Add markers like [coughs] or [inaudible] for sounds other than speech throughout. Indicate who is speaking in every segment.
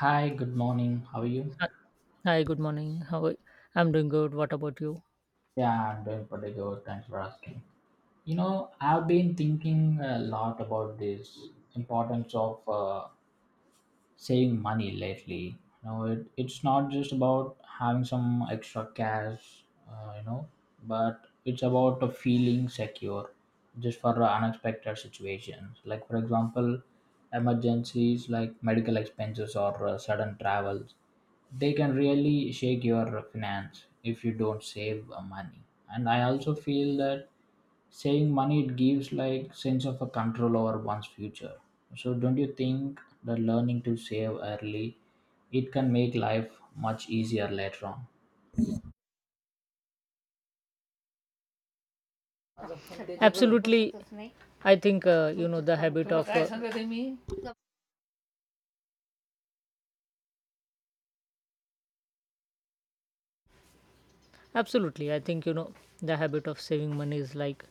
Speaker 1: Hi, good morning. How are you?
Speaker 2: Hi, good morning. I'm doing good. What about you?
Speaker 1: Yeah, I'm doing pretty good. Thanks for asking. You know, I've been thinking a lot about this importance of saving money lately. You know, it's not just about having some extra cash, uh, you know, but it's about a feeling secure just for unexpected situations. Like, for example, emergencies like medical expenses or sudden travels, they can really shake your finance if you don't save money. And I also feel that saying money it gives like sense of a control over one's future. So don't you think the learning to save early it can make life much easier later on?
Speaker 2: Absolutely. I think you know the habit of absolutely. I think, you know, the habit of saving money is like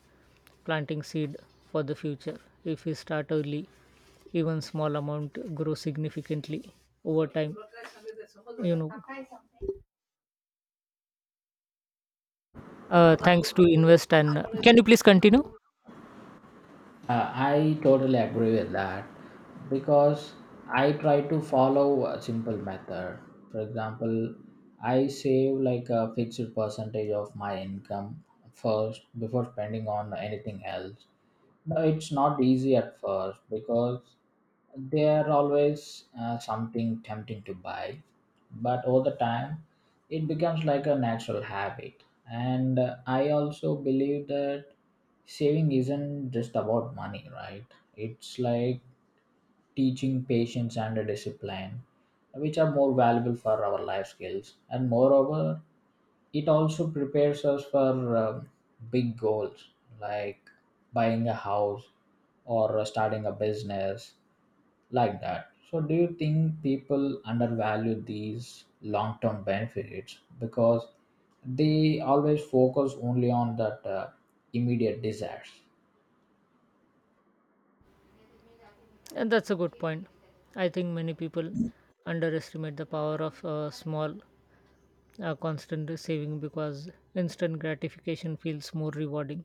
Speaker 2: planting seed for the future. If we start early, even small amount grow significantly over time. You know, Thanks to invest and can you please continue?
Speaker 1: I totally agree with that because I try to follow a simple method. For example, I save like a fixed percentage of my income first before spending on anything else. No, it's not easy at first because there are always something tempting to buy, but over the time it becomes like a natural habit. And I also believe that saving isn't just about money, right? It's like teaching patience and a discipline, which are more valuable for our life skills. And moreover, it also prepares us for big goals like buying a house or starting a business like that. So, do you think people undervalue these long term benefits because they always focus only on that immediate desires?
Speaker 2: And that's a good point. I think many people underestimate the power of small constant saving because instant gratification feels more rewarding,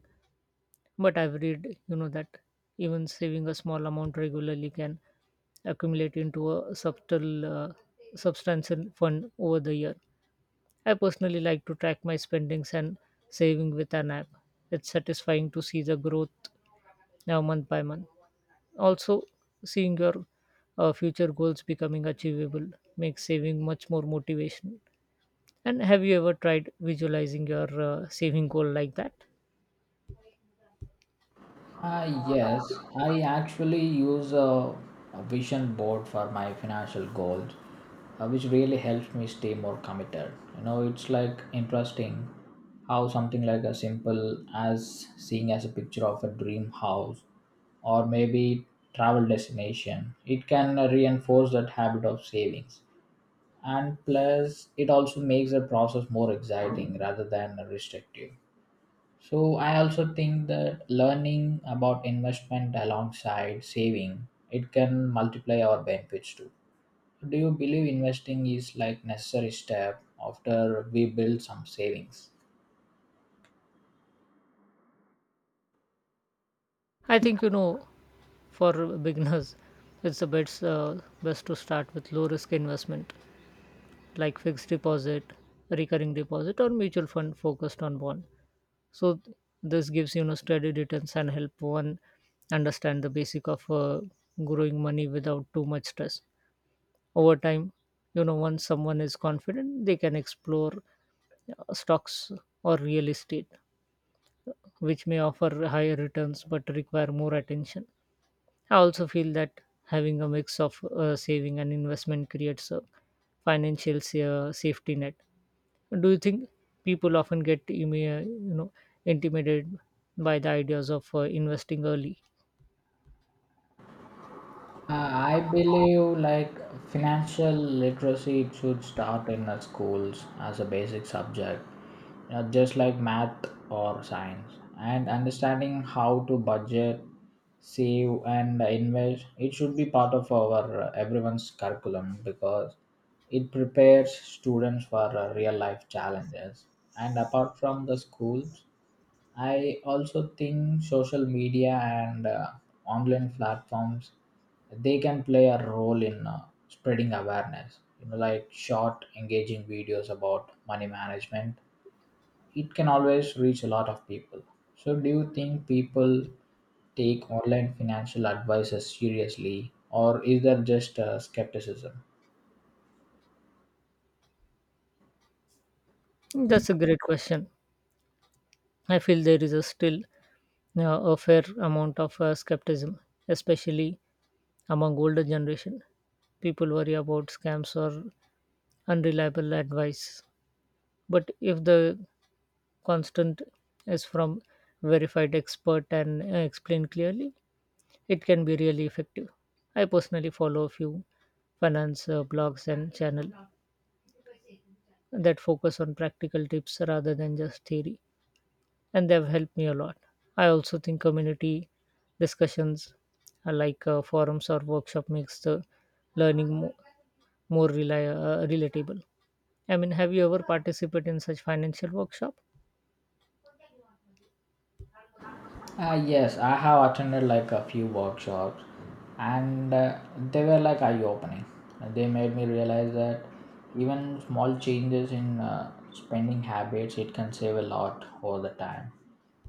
Speaker 2: but I've read, you know, that even saving a small amount regularly can accumulate into a subtle substantial fund over the year. I personally like to track my spendings and saving with an app. It's satisfying to see the growth now month by month. Also, seeing your future goals becoming achievable makes saving much more motivational. And have you ever tried visualizing your saving goal like that?
Speaker 1: Yes, I actually use a vision board for my financial goals, which really helps me stay more committed. You know, it's like interesting how something like as simple as seeing as a picture of a dream house or maybe travel destination, it can reinforce that habit of savings. And plus, it also makes the process more exciting rather than restrictive. So I also think that learning about investment alongside saving it can multiply our benefits too. Do you believe investing is like necessary step after we build some savings?
Speaker 2: I think, you know, for beginners, it's the best best to start with low risk investment like fixed deposit, recurring deposit, or mutual fund focused on bond. So th- this gives, you know, steady returns and help one understand the basic of growing money without too much stress over time. You know, once someone is confident, they can explore stocks or real estate, which may offer higher returns but require more attention. I also feel that having a mix of saving and investment creates a safety net. Do you think people often get intimidated by the ideas of investing early?
Speaker 1: Uh, I believe like financial literacy it should start in the schools as a basic subject, you know, just like math or science. And understanding how to budget, save, and invest it should be part of our everyone's curriculum because it prepares students for real life challenges. And apart from the schools, I also think social media and online platforms they can play a role in spreading awareness. You know, like short, engaging videos about money management, it can always reach a lot of people. So, do you think people take online financial advisors seriously, or is there just skepticism?
Speaker 2: That's a great question. I feel there is a still uh, a fair amount of skepticism, especially among older generation. People worry about scams or unreliable advice. But if the constant is from verified expert and explained clearly, it can be really effective. I personally follow a few finance blogs and channel that focus on practical tips rather than just theory, and they've helped me a lot. I also think community discussions, like forums or workshop, makes the learning relatable. I mean, have you ever participated in such financial workshop?
Speaker 1: Yes, I have attended like a few workshops and they were like eye opening. They made me realize that even small changes in spending habits it can save a lot over the time.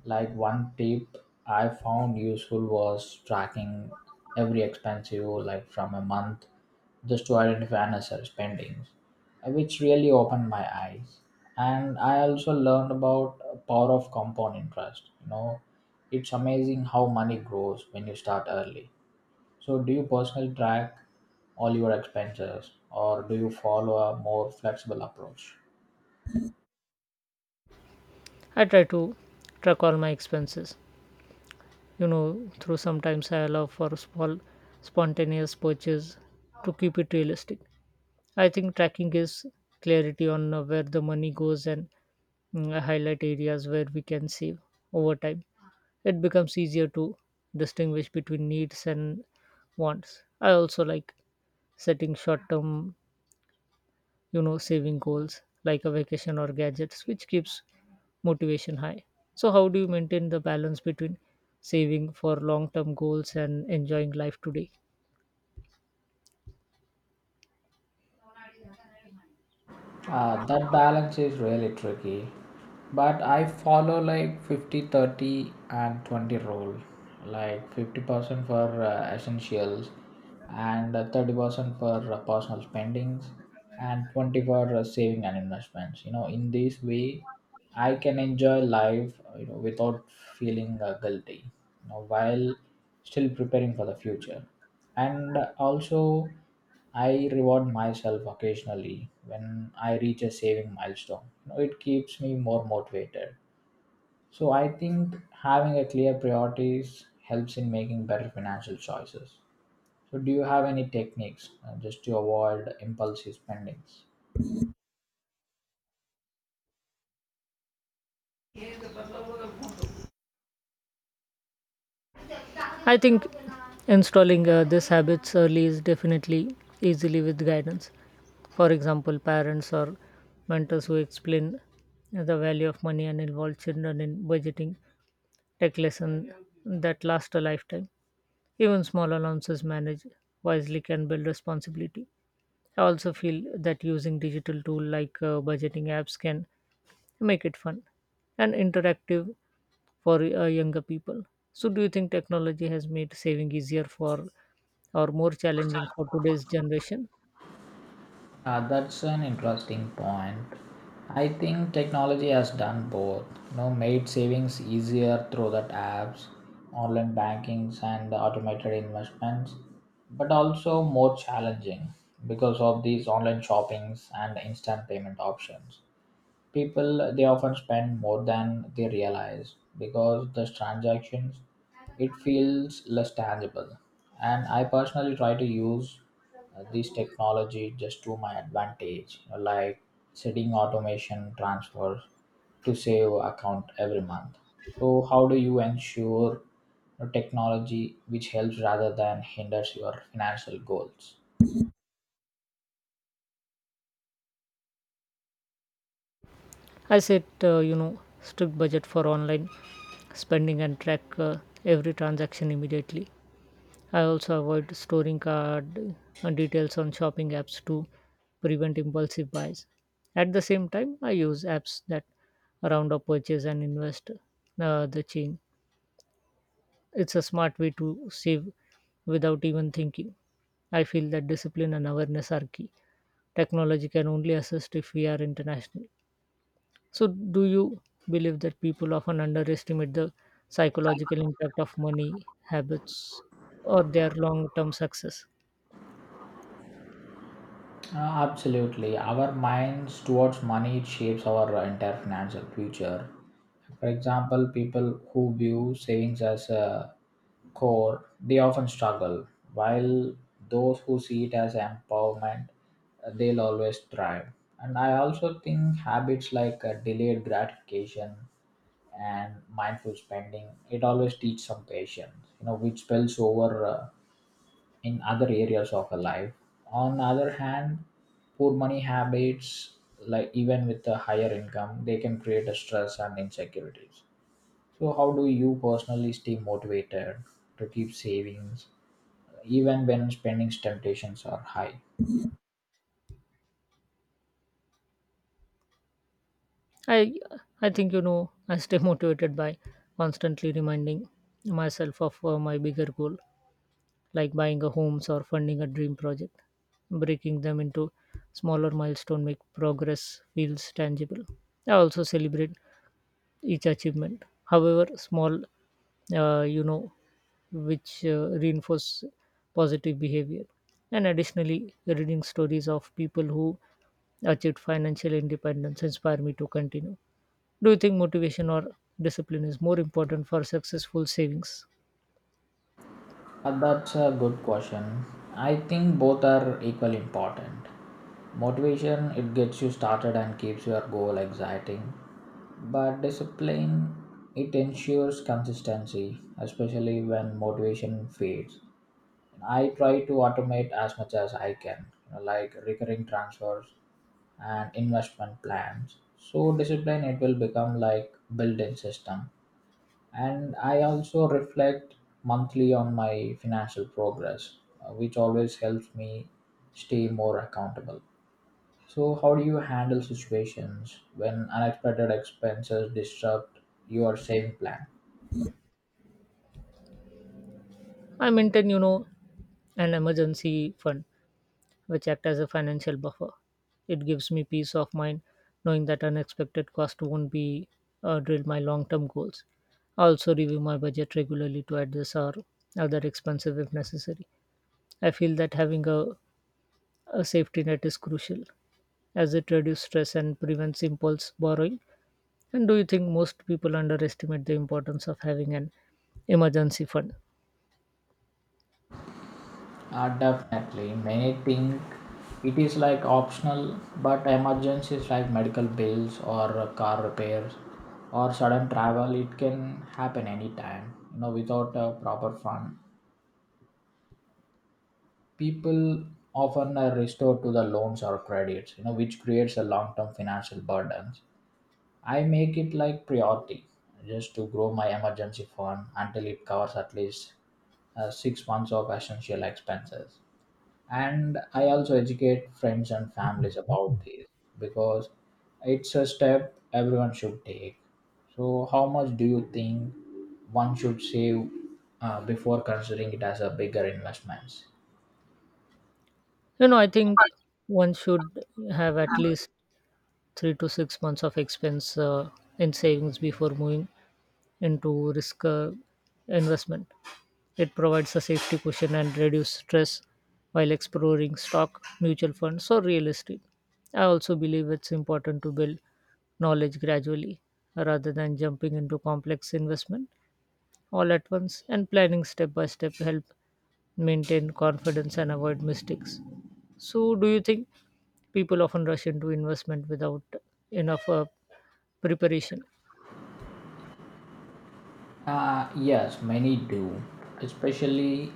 Speaker 1: Like one tip I found useful was tracking every expense you like from a month just to identify unnecessary spendings, which really opened my eyes. And I also learned about power of compound interest. You know, it's amazing how money grows when you start early. So, do you personally track all your expenses or do you follow a more flexible approach?
Speaker 2: I try to track all my expenses. You know, through sometimes I allow for small spontaneous purchase to keep it realistic. I think tracking gives clarity on where the money goes, and I highlight areas where we can save over time. It becomes easier to distinguish between needs and wants. I also like setting short term, you know, saving goals like a vacation or gadgets, which keeps motivation high. So how do you maintain the balance between saving for long term goals and enjoying life today?
Speaker 1: That balance is really tricky. But I follow like 50 30 and 20 rule. Like 50% for essentials and 30% for personal spendings and 20 for saving and investments. You know, in this way I can enjoy life, you know, without feeling guilty, you know, while still preparing for the future. And also I reward myself occasionally when I reach a saving milestone. You know, it keeps me more motivated. So I think having a clear priorities helps in making better financial choices. So do you have any techniques just to avoid impulsive spendings?
Speaker 2: I think installing these habits early is definitely easily with guidance. For example, parents or mentors who explain the value of money and involve children in budgeting tech lesson that last a lifetime. Even small allowances managed wisely can build responsibility. I also feel that using digital tool like budgeting apps can make it fun and interactive for younger people. So, do you think technology has made saving easier for or more challenging for today's generation?
Speaker 1: That's an interesting point. I think technology has done both. You know, made savings easier through that apps, online bankings, and the automated investments, but also more challenging because of these online shoppings and instant payment options, people they often spend more than they realize because the transactions it feels less tangible. And I personally try to use this technology just to my advantage, you know, like setting automation transfers to save account every month. So how do you ensure, you know, technology which helps rather than hinders your financial goals?
Speaker 2: I set you know, strict budget for online spending and track every transaction immediately. I also avoid storing card details on shopping apps to prevent impulsive buys. At the same time, I use apps that round up purchase and invest the change. It's a smart way to save without even thinking. I feel that discipline and awareness are key. Technology can only assist if we are international. So, do you believe that people often underestimate the psychological impact of money habits or their long term success?
Speaker 1: Absolutely. Our minds towards money it shapes our entire financial future. For example, people who view savings as a core, they often struggle, while those who see it as empowerment, they'll always thrive. And I also think habits like delayed gratification and mindful spending, it always teach some patience, you know, which spells over in other areas of her life. On the other hand, poor money habits, like even with a higher income, they can create a stress and insecurities. So, how do you personally stay motivated to keep savings even when spending temptations are high?
Speaker 2: I I think, you know, I stay motivated by constantly reminding myself of my bigger goal, like buying a home or funding a dream project. Breaking them into smaller milestone make progress feels tangible. I also celebrate each achievement, however small, uh, you know, which reinforce positive behavior. And additionally, reading stories of people who achieved financial independence inspire me to continue. Do you think motivation or discipline is more important for successful savings?
Speaker 1: That's a good question. I think both are equally important. Motivation, it gets you started and keeps your goal exciting. But discipline, it ensures consistency, especially when motivation fades. I try to automate as much as I can, you know, like recurring transfers and investment plans. So discipline, it will become like built-in system. And I also reflect monthly on my financial progress, which always helps me stay more accountable. So how do you handle situations when unexpected expenses disrupt your saving plan?
Speaker 2: I maintain, you know, an emergency fund which act as a financial buffer. It gives me peace of mind knowing that unexpected cost won't be drill my long-term goals. I also review my budget regularly to address our other expenses if necessary. I feel that having a safety net is crucial as it reduces stress and prevents impulse borrowing. And do you think most people underestimate the importance of having an emergency fund?
Speaker 1: Definitely many think it is like optional, but emergencies like medical bills or car repairs or sudden travel it can happen anytime, you know, without a proper fund. People often are restored to the loans or credits, you know, which creates a long-term financial burdens. I make it like priority just to grow my emergency fund until it covers at least 6 months of essential expenses. And I also educate friends and families about this because it's a step everyone should take. So how much do you think one should save before considering it as a bigger investments?
Speaker 2: You know, I think one should have at least 3 to 6 months of expense in savings before moving into risk investment. It provides a safety cushion and reduce stress while exploring stock, mutual funds, or real estate. I also believe it's important to build knowledge gradually rather than jumping into complex investment all at once, and planning step by step help maintain confidence and avoid mistakes. So, do you think people often rush into investment without enough preparation?
Speaker 1: Yes, many do, especially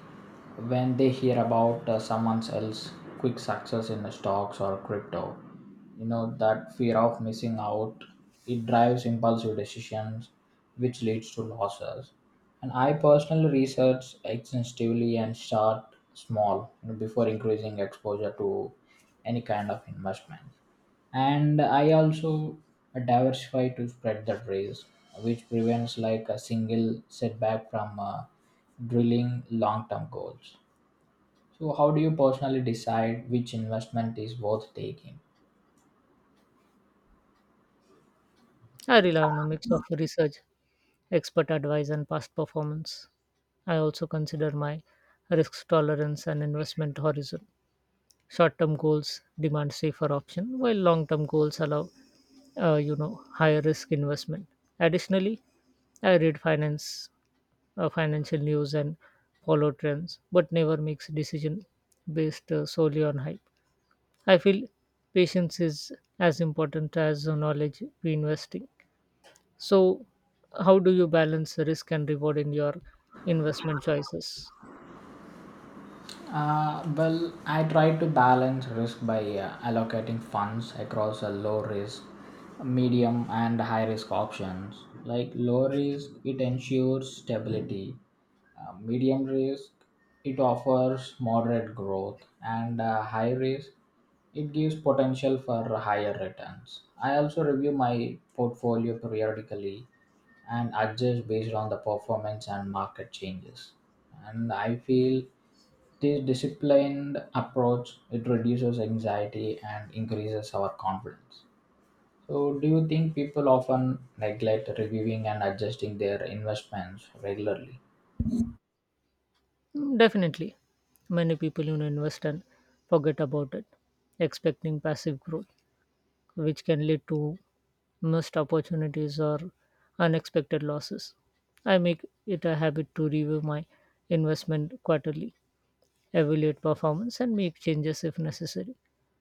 Speaker 1: when they hear about someone else's quick success in stocks or crypto. You know, that fear of missing out, it drives impulsive decisions, which leads to losses. And I personally research extensively and start small, you know, before increasing exposure to any kind of investment. And I also diversify to spread the trace, which prevents like a single setback from drilling long term goals. So how do you personally decide which investment is worth taking?
Speaker 2: I rely on a mix of research, expert advice, and past performance. I also consider my risk tolerance and investment horizon. Short-term goals demand safer option, while long-term goals allow, higher risk investment. Additionally, I read finance financial news and follow trends, but never makes decision based solely on hype. I feel patience is as important as the knowledge we investing. So, how do you balance risk and reward in your investment choices?
Speaker 1: Well, I try to balance risk by allocating funds across a low risk, medium and high risk options. Like low risk it ensures stability. Medium risk, it offers moderate growth, and high risk, it gives potential for higher returns. I also review my portfolio periodically and adjust based on the performance and market changes. And I feel this disciplined approach it reduces anxiety and increases our confidence. So, do you think people often neglect reviewing and adjusting their investments regularly?
Speaker 2: Definitely, many people, you know, invest and forget about it, expecting passive growth, which can lead to missed opportunities or unexpected losses. I make it a habit to review my investment quarterly, evaluate performance, and make changes if necessary.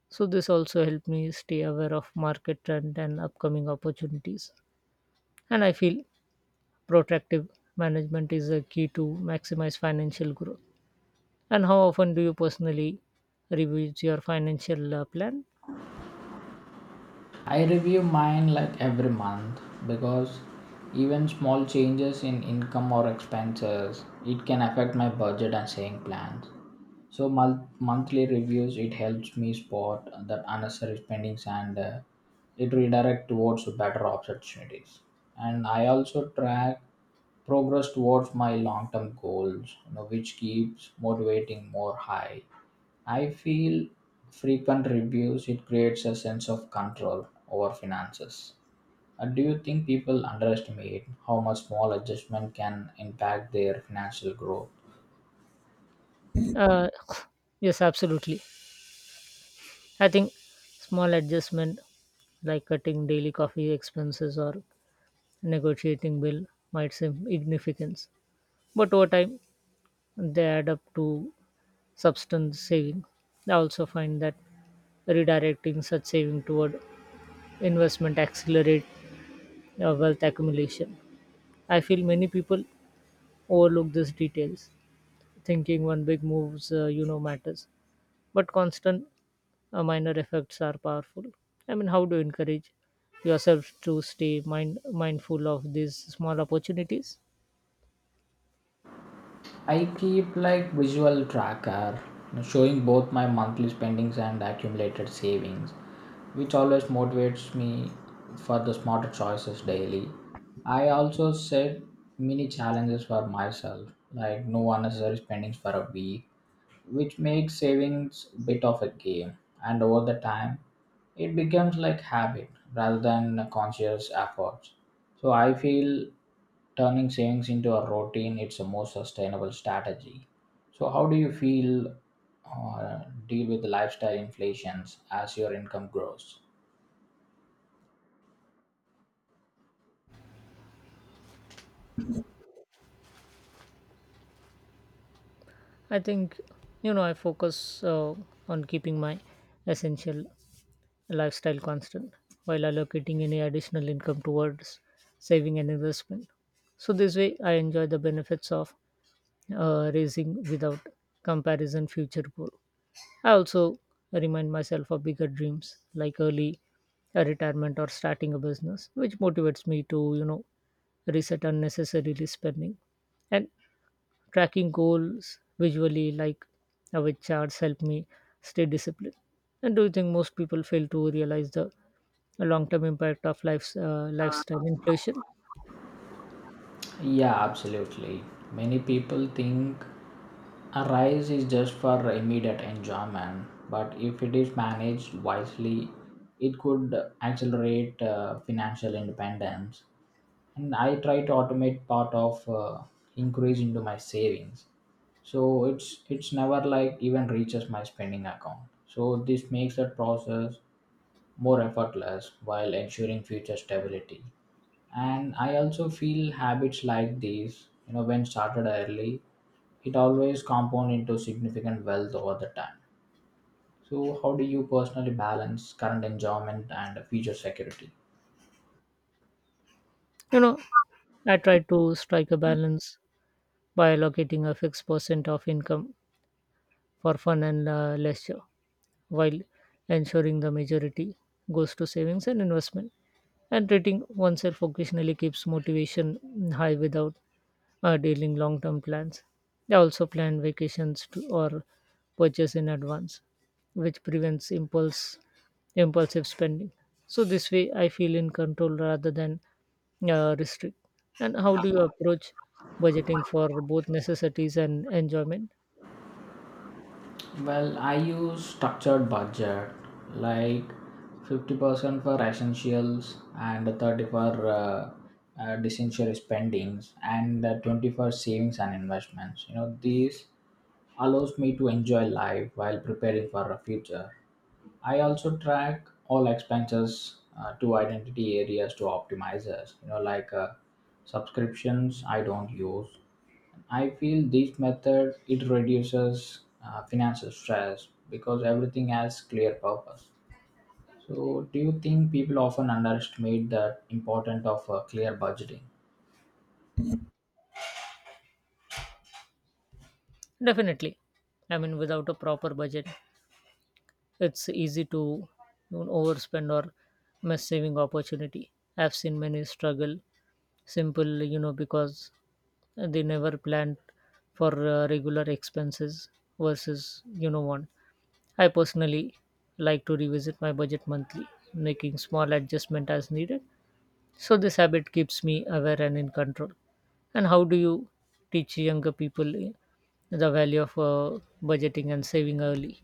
Speaker 2: So, this also helped me stay aware of market trend and upcoming opportunities. And I feel protractive management is a key to maximize financial growth. And how often do you personally review your financial plan?
Speaker 1: I review mine like every month because even small changes in income or expenses it can affect my budget and saving plans. So monthly reviews it helps me spot that unnecessary spendings and it redirect towards better opportunities. And I also track progress towards my long-term goals, you know, which keeps motivating more high. I feel frequent reviews it creates a sense of control over finances. Do you think people underestimate how much small adjustment can impact their financial growth?
Speaker 2: Uh, [laughs] [coughs] yes, absolutely. I think small adjustment like cutting daily coffee expenses or negotiating bill might seem insignificant, but over time they add up to substance saving. I also find that redirecting such saving toward investment accelerate wealth accumulation. I feel many people overlook these details, thinking one big moves, matters, but constant minor effects are powerful. I mean, how do encourage yourself to stay mindful of these small opportunities?
Speaker 1: I keep like visual tracker showing both my monthly spendings and accumulated savings, which always motivates me for the smarter choices daily. I also set mini challenges for myself, like no unnecessary spendings for a week, which makes savings a bit of a game. And over the time, it becomes like habit rather than a conscious effort. So I feel turning savings into a routine it's a more sustainable strategy. So how do you feel or deal with the lifestyle inflations as your income grows?
Speaker 2: I think, you know, I focus on keeping my essential lifestyle constant while allocating any additional income towards saving and investment. So, this way, I enjoy the benefits of raising without comparison future goal. I also remind myself of bigger dreams like early retirement or starting a business, which motivates me to, you know, reset unnecessarily spending. And tracking goals visually like with charts help me stay disciplined. And do you think most people fail to realize the long-term impact of life's lifestyle inflation?
Speaker 1: Yeah, absolutely. Many people think a rise is just for immediate enjoyment, but if it is managed wisely, it could accelerate financial independence. And I try to automate part of increase into my savings, so it's never like even reaches my spending account. So this makes the process more effortless while ensuring future stability. And I also feel habits like these, you know, when started early it always compound into significant wealth over the time. So how do you personally balance current enjoyment and future security?
Speaker 2: You know, I try to strike a balance by allocating a fixed percent of income for fun and leisure while ensuring the majority goes to savings and investment. And treating oneself occasionally keeps motivation high without dealing long-term plans. They also plan vacations to, or purchase in advance, which prevents impulse impulsive spending. So this way, I feel in control rather than restrict. And how do you approach budgeting for both necessities and enjoyment?
Speaker 1: Well, I use structured budget like 50% for essentials and 30 for disessential spendings and 20 for savings and investments, you know. These allows me to enjoy life while preparing for a future. I also track all expenses to identity areas to optimizers, you know, like subscriptions I don't use. I feel this method it reduces financial stress because everything has clear purpose. So, do you think people often underestimate the importance of clear budgeting?
Speaker 2: Definitely. I mean, without a proper budget, it's easy to, you know, overspend or miss saving opportunity. I've seen many struggle simple, you know, because they never planned for regular expenses versus, you know, one. I personally like to revisit my budget monthly, making small adjustment as needed. So this habit keeps me aware and in control. And how do you teach younger people the value of budgeting and saving early?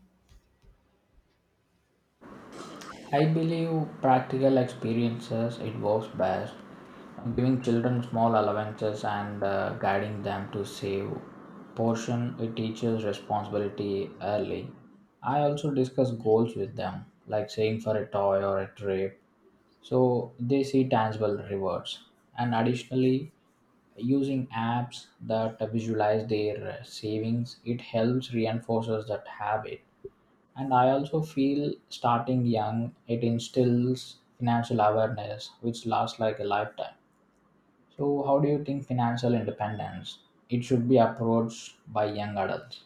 Speaker 1: I believe practical experiences it works best. Giving children small allowances and guiding them to save portion it teaches responsibility early. I also discuss goals with them, like saving for a toy or a trip, so they see tangible rewards. And additionally, using apps that visualize their savings it helps reinforces that habit. And I also feel starting young, it instills financial awareness, which lasts like a lifetime. So, how do you think financial independence? It should be approached by young adults.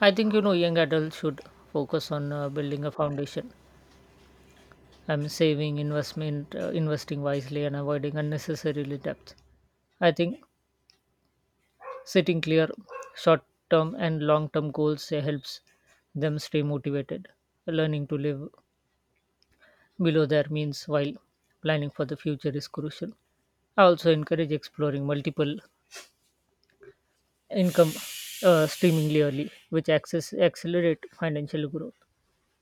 Speaker 2: I think, you know, young adults should focus on building a foundation. I'm saving, investing wisely, and avoiding unnecessarily debt. I think setting clear short-term and long-term goals helps them stay motivated. Learning to live below their means while planning for the future is crucial. I also encourage exploring multiple income streamingly early, which access accelerate financial growth.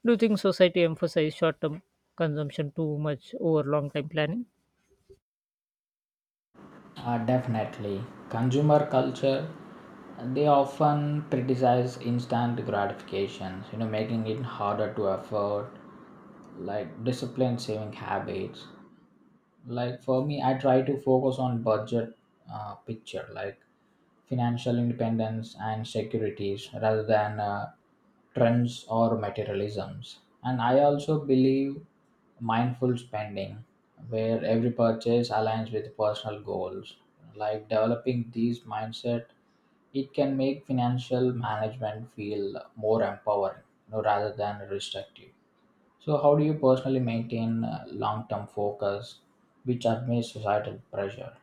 Speaker 2: Do you think society emphasizes short-term consumption too much over long-term planning?
Speaker 1: Definitely. Consumer culture, they often criticize instant gratifications, you know, making it harder to afford like disciplined saving habits. Like for me, I try to focus on budget picture like financial independence and securities rather than trends or materialisms. And I also believe mindful spending where every purchase aligns with personal goals, like developing these mindset it can make financial management feel more empowering, you know, rather than restrictive. So, how do you personally maintain long term focus, which amidst societal pressure?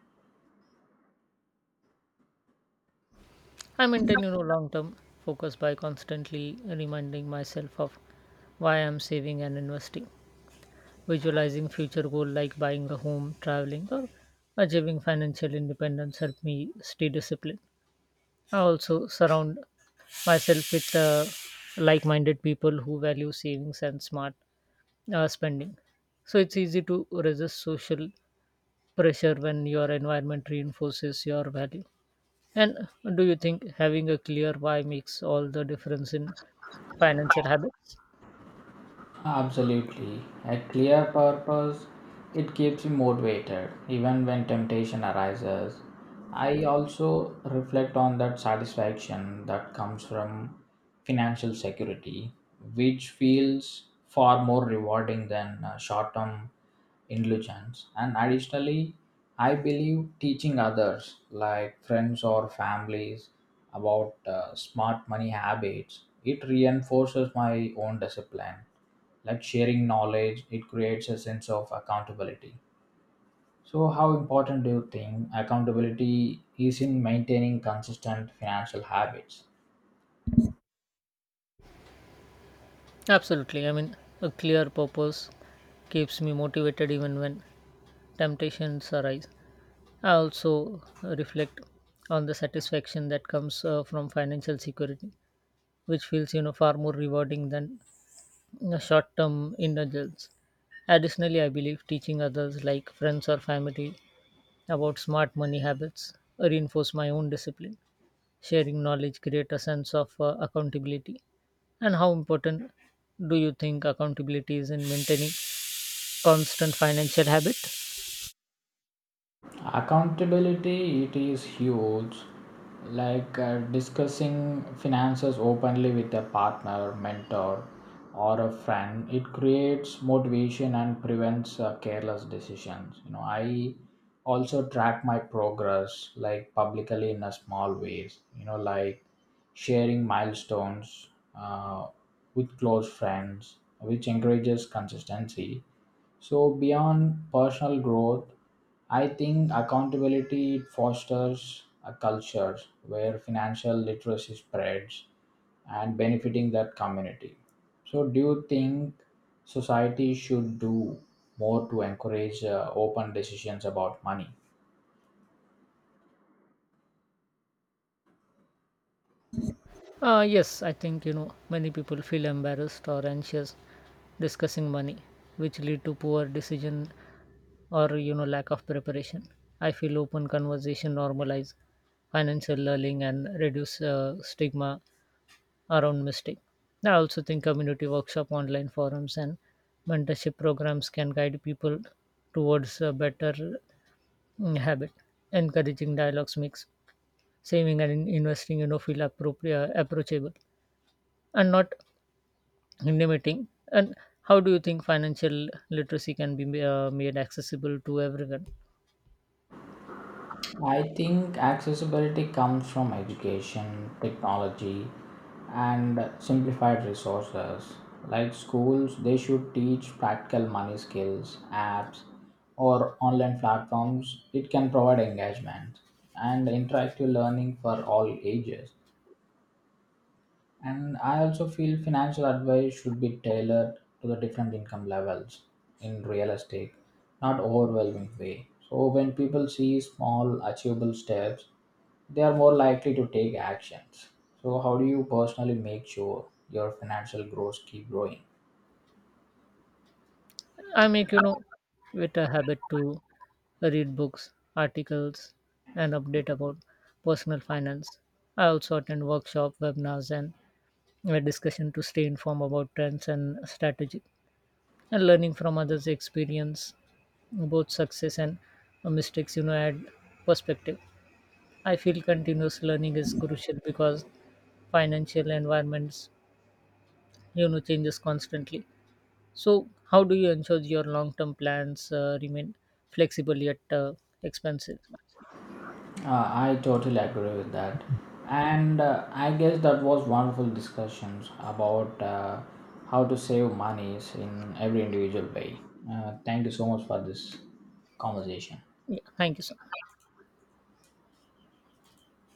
Speaker 2: I maintain, you know, long-term focus by constantly reminding myself of why I'm saving and investing. Visualizing future goal like buying a home, traveling, or achieving financial independence help me stay disciplined. I also surround myself with like-minded people who value savings and smart spending. So it's easy to resist social pressure when your environment reinforces your value. And do you think having a clear why makes all the difference in financial habits?
Speaker 1: Absolutely. A clear purpose, it keeps you motivated even when temptation arises. I also reflect on that satisfaction that comes from financial security, which feels far more rewarding than short term indulgence. And additionally, I believe teaching others, like friends or families, about smart money habits, it reinforces my own discipline. Like sharing knowledge it creates a sense of accountability. So how important do you think accountability is in maintaining consistent financial habits?
Speaker 2: Absolutely. I mean, a clear purpose keeps me motivated even when temptations arise. I also reflect on the satisfaction that comes from financial security, which feels, you know, far more rewarding than, you know, short-term indulgence. Additionally, I believe teaching others like friends or family about smart money habits reinforce my own discipline. Sharing knowledge create a sense of accountability. And how important do you think accountability is in maintaining constant financial habit?
Speaker 1: Accountability, it is huge. Like discussing finances openly with a partner, mentor, or a friend, it creates motivation and prevents careless decisions. You know, I also track my progress, like publicly in a small ways. You know, like sharing milestones uh, with close friends, which encourages consistency. So beyond personal growth, I think accountability fosters a culture where financial literacy spreads and benefiting that community. So do you think society should do more to encourage open decisions about money?
Speaker 2: Yes, I think, you know, many people feel embarrassed or anxious discussing money, which lead to poor decision or, you know, lack of preparation. I feel open conversation normalize financial learning and reduce stigma around mistake. I also think community workshop, online forums, and mentorship programs can guide people towards a better, habit. Encouraging dialogues makes saving and investing, you know, feel appropriate, approachable, and not limiting. And how do you think financial literacy can be made accessible to everyone?
Speaker 1: I think accessibility comes from education, technology, and simplified resources. Like schools, they should teach practical money skills, apps, or online platforms. It can provide engagement and interactive learning for all ages. And I also feel financial advice should be tailored to the different income levels in real estate, not overwhelming way. So when people see small achievable steps, they are more likely to take actions. So how do you personally make sure your financial goals keep growing?
Speaker 2: I make, you know, it a habit to read books, articles, and update about personal finance. I also attend workshop, webinars, and a discussion to stay informed about trends and strategy. And learning from others' experience, both success and mistakes, you know, add perspective. I feel continuous learning is crucial because financial environments, you know, changes constantly. So, how do you ensure your long term plans remain flexible yet expensive?
Speaker 1: I totally agree with that. And I guess that was wonderful discussions about how to save monies in every individual way. Thank you so much for this conversation.
Speaker 2: Yeah, thank you, sir.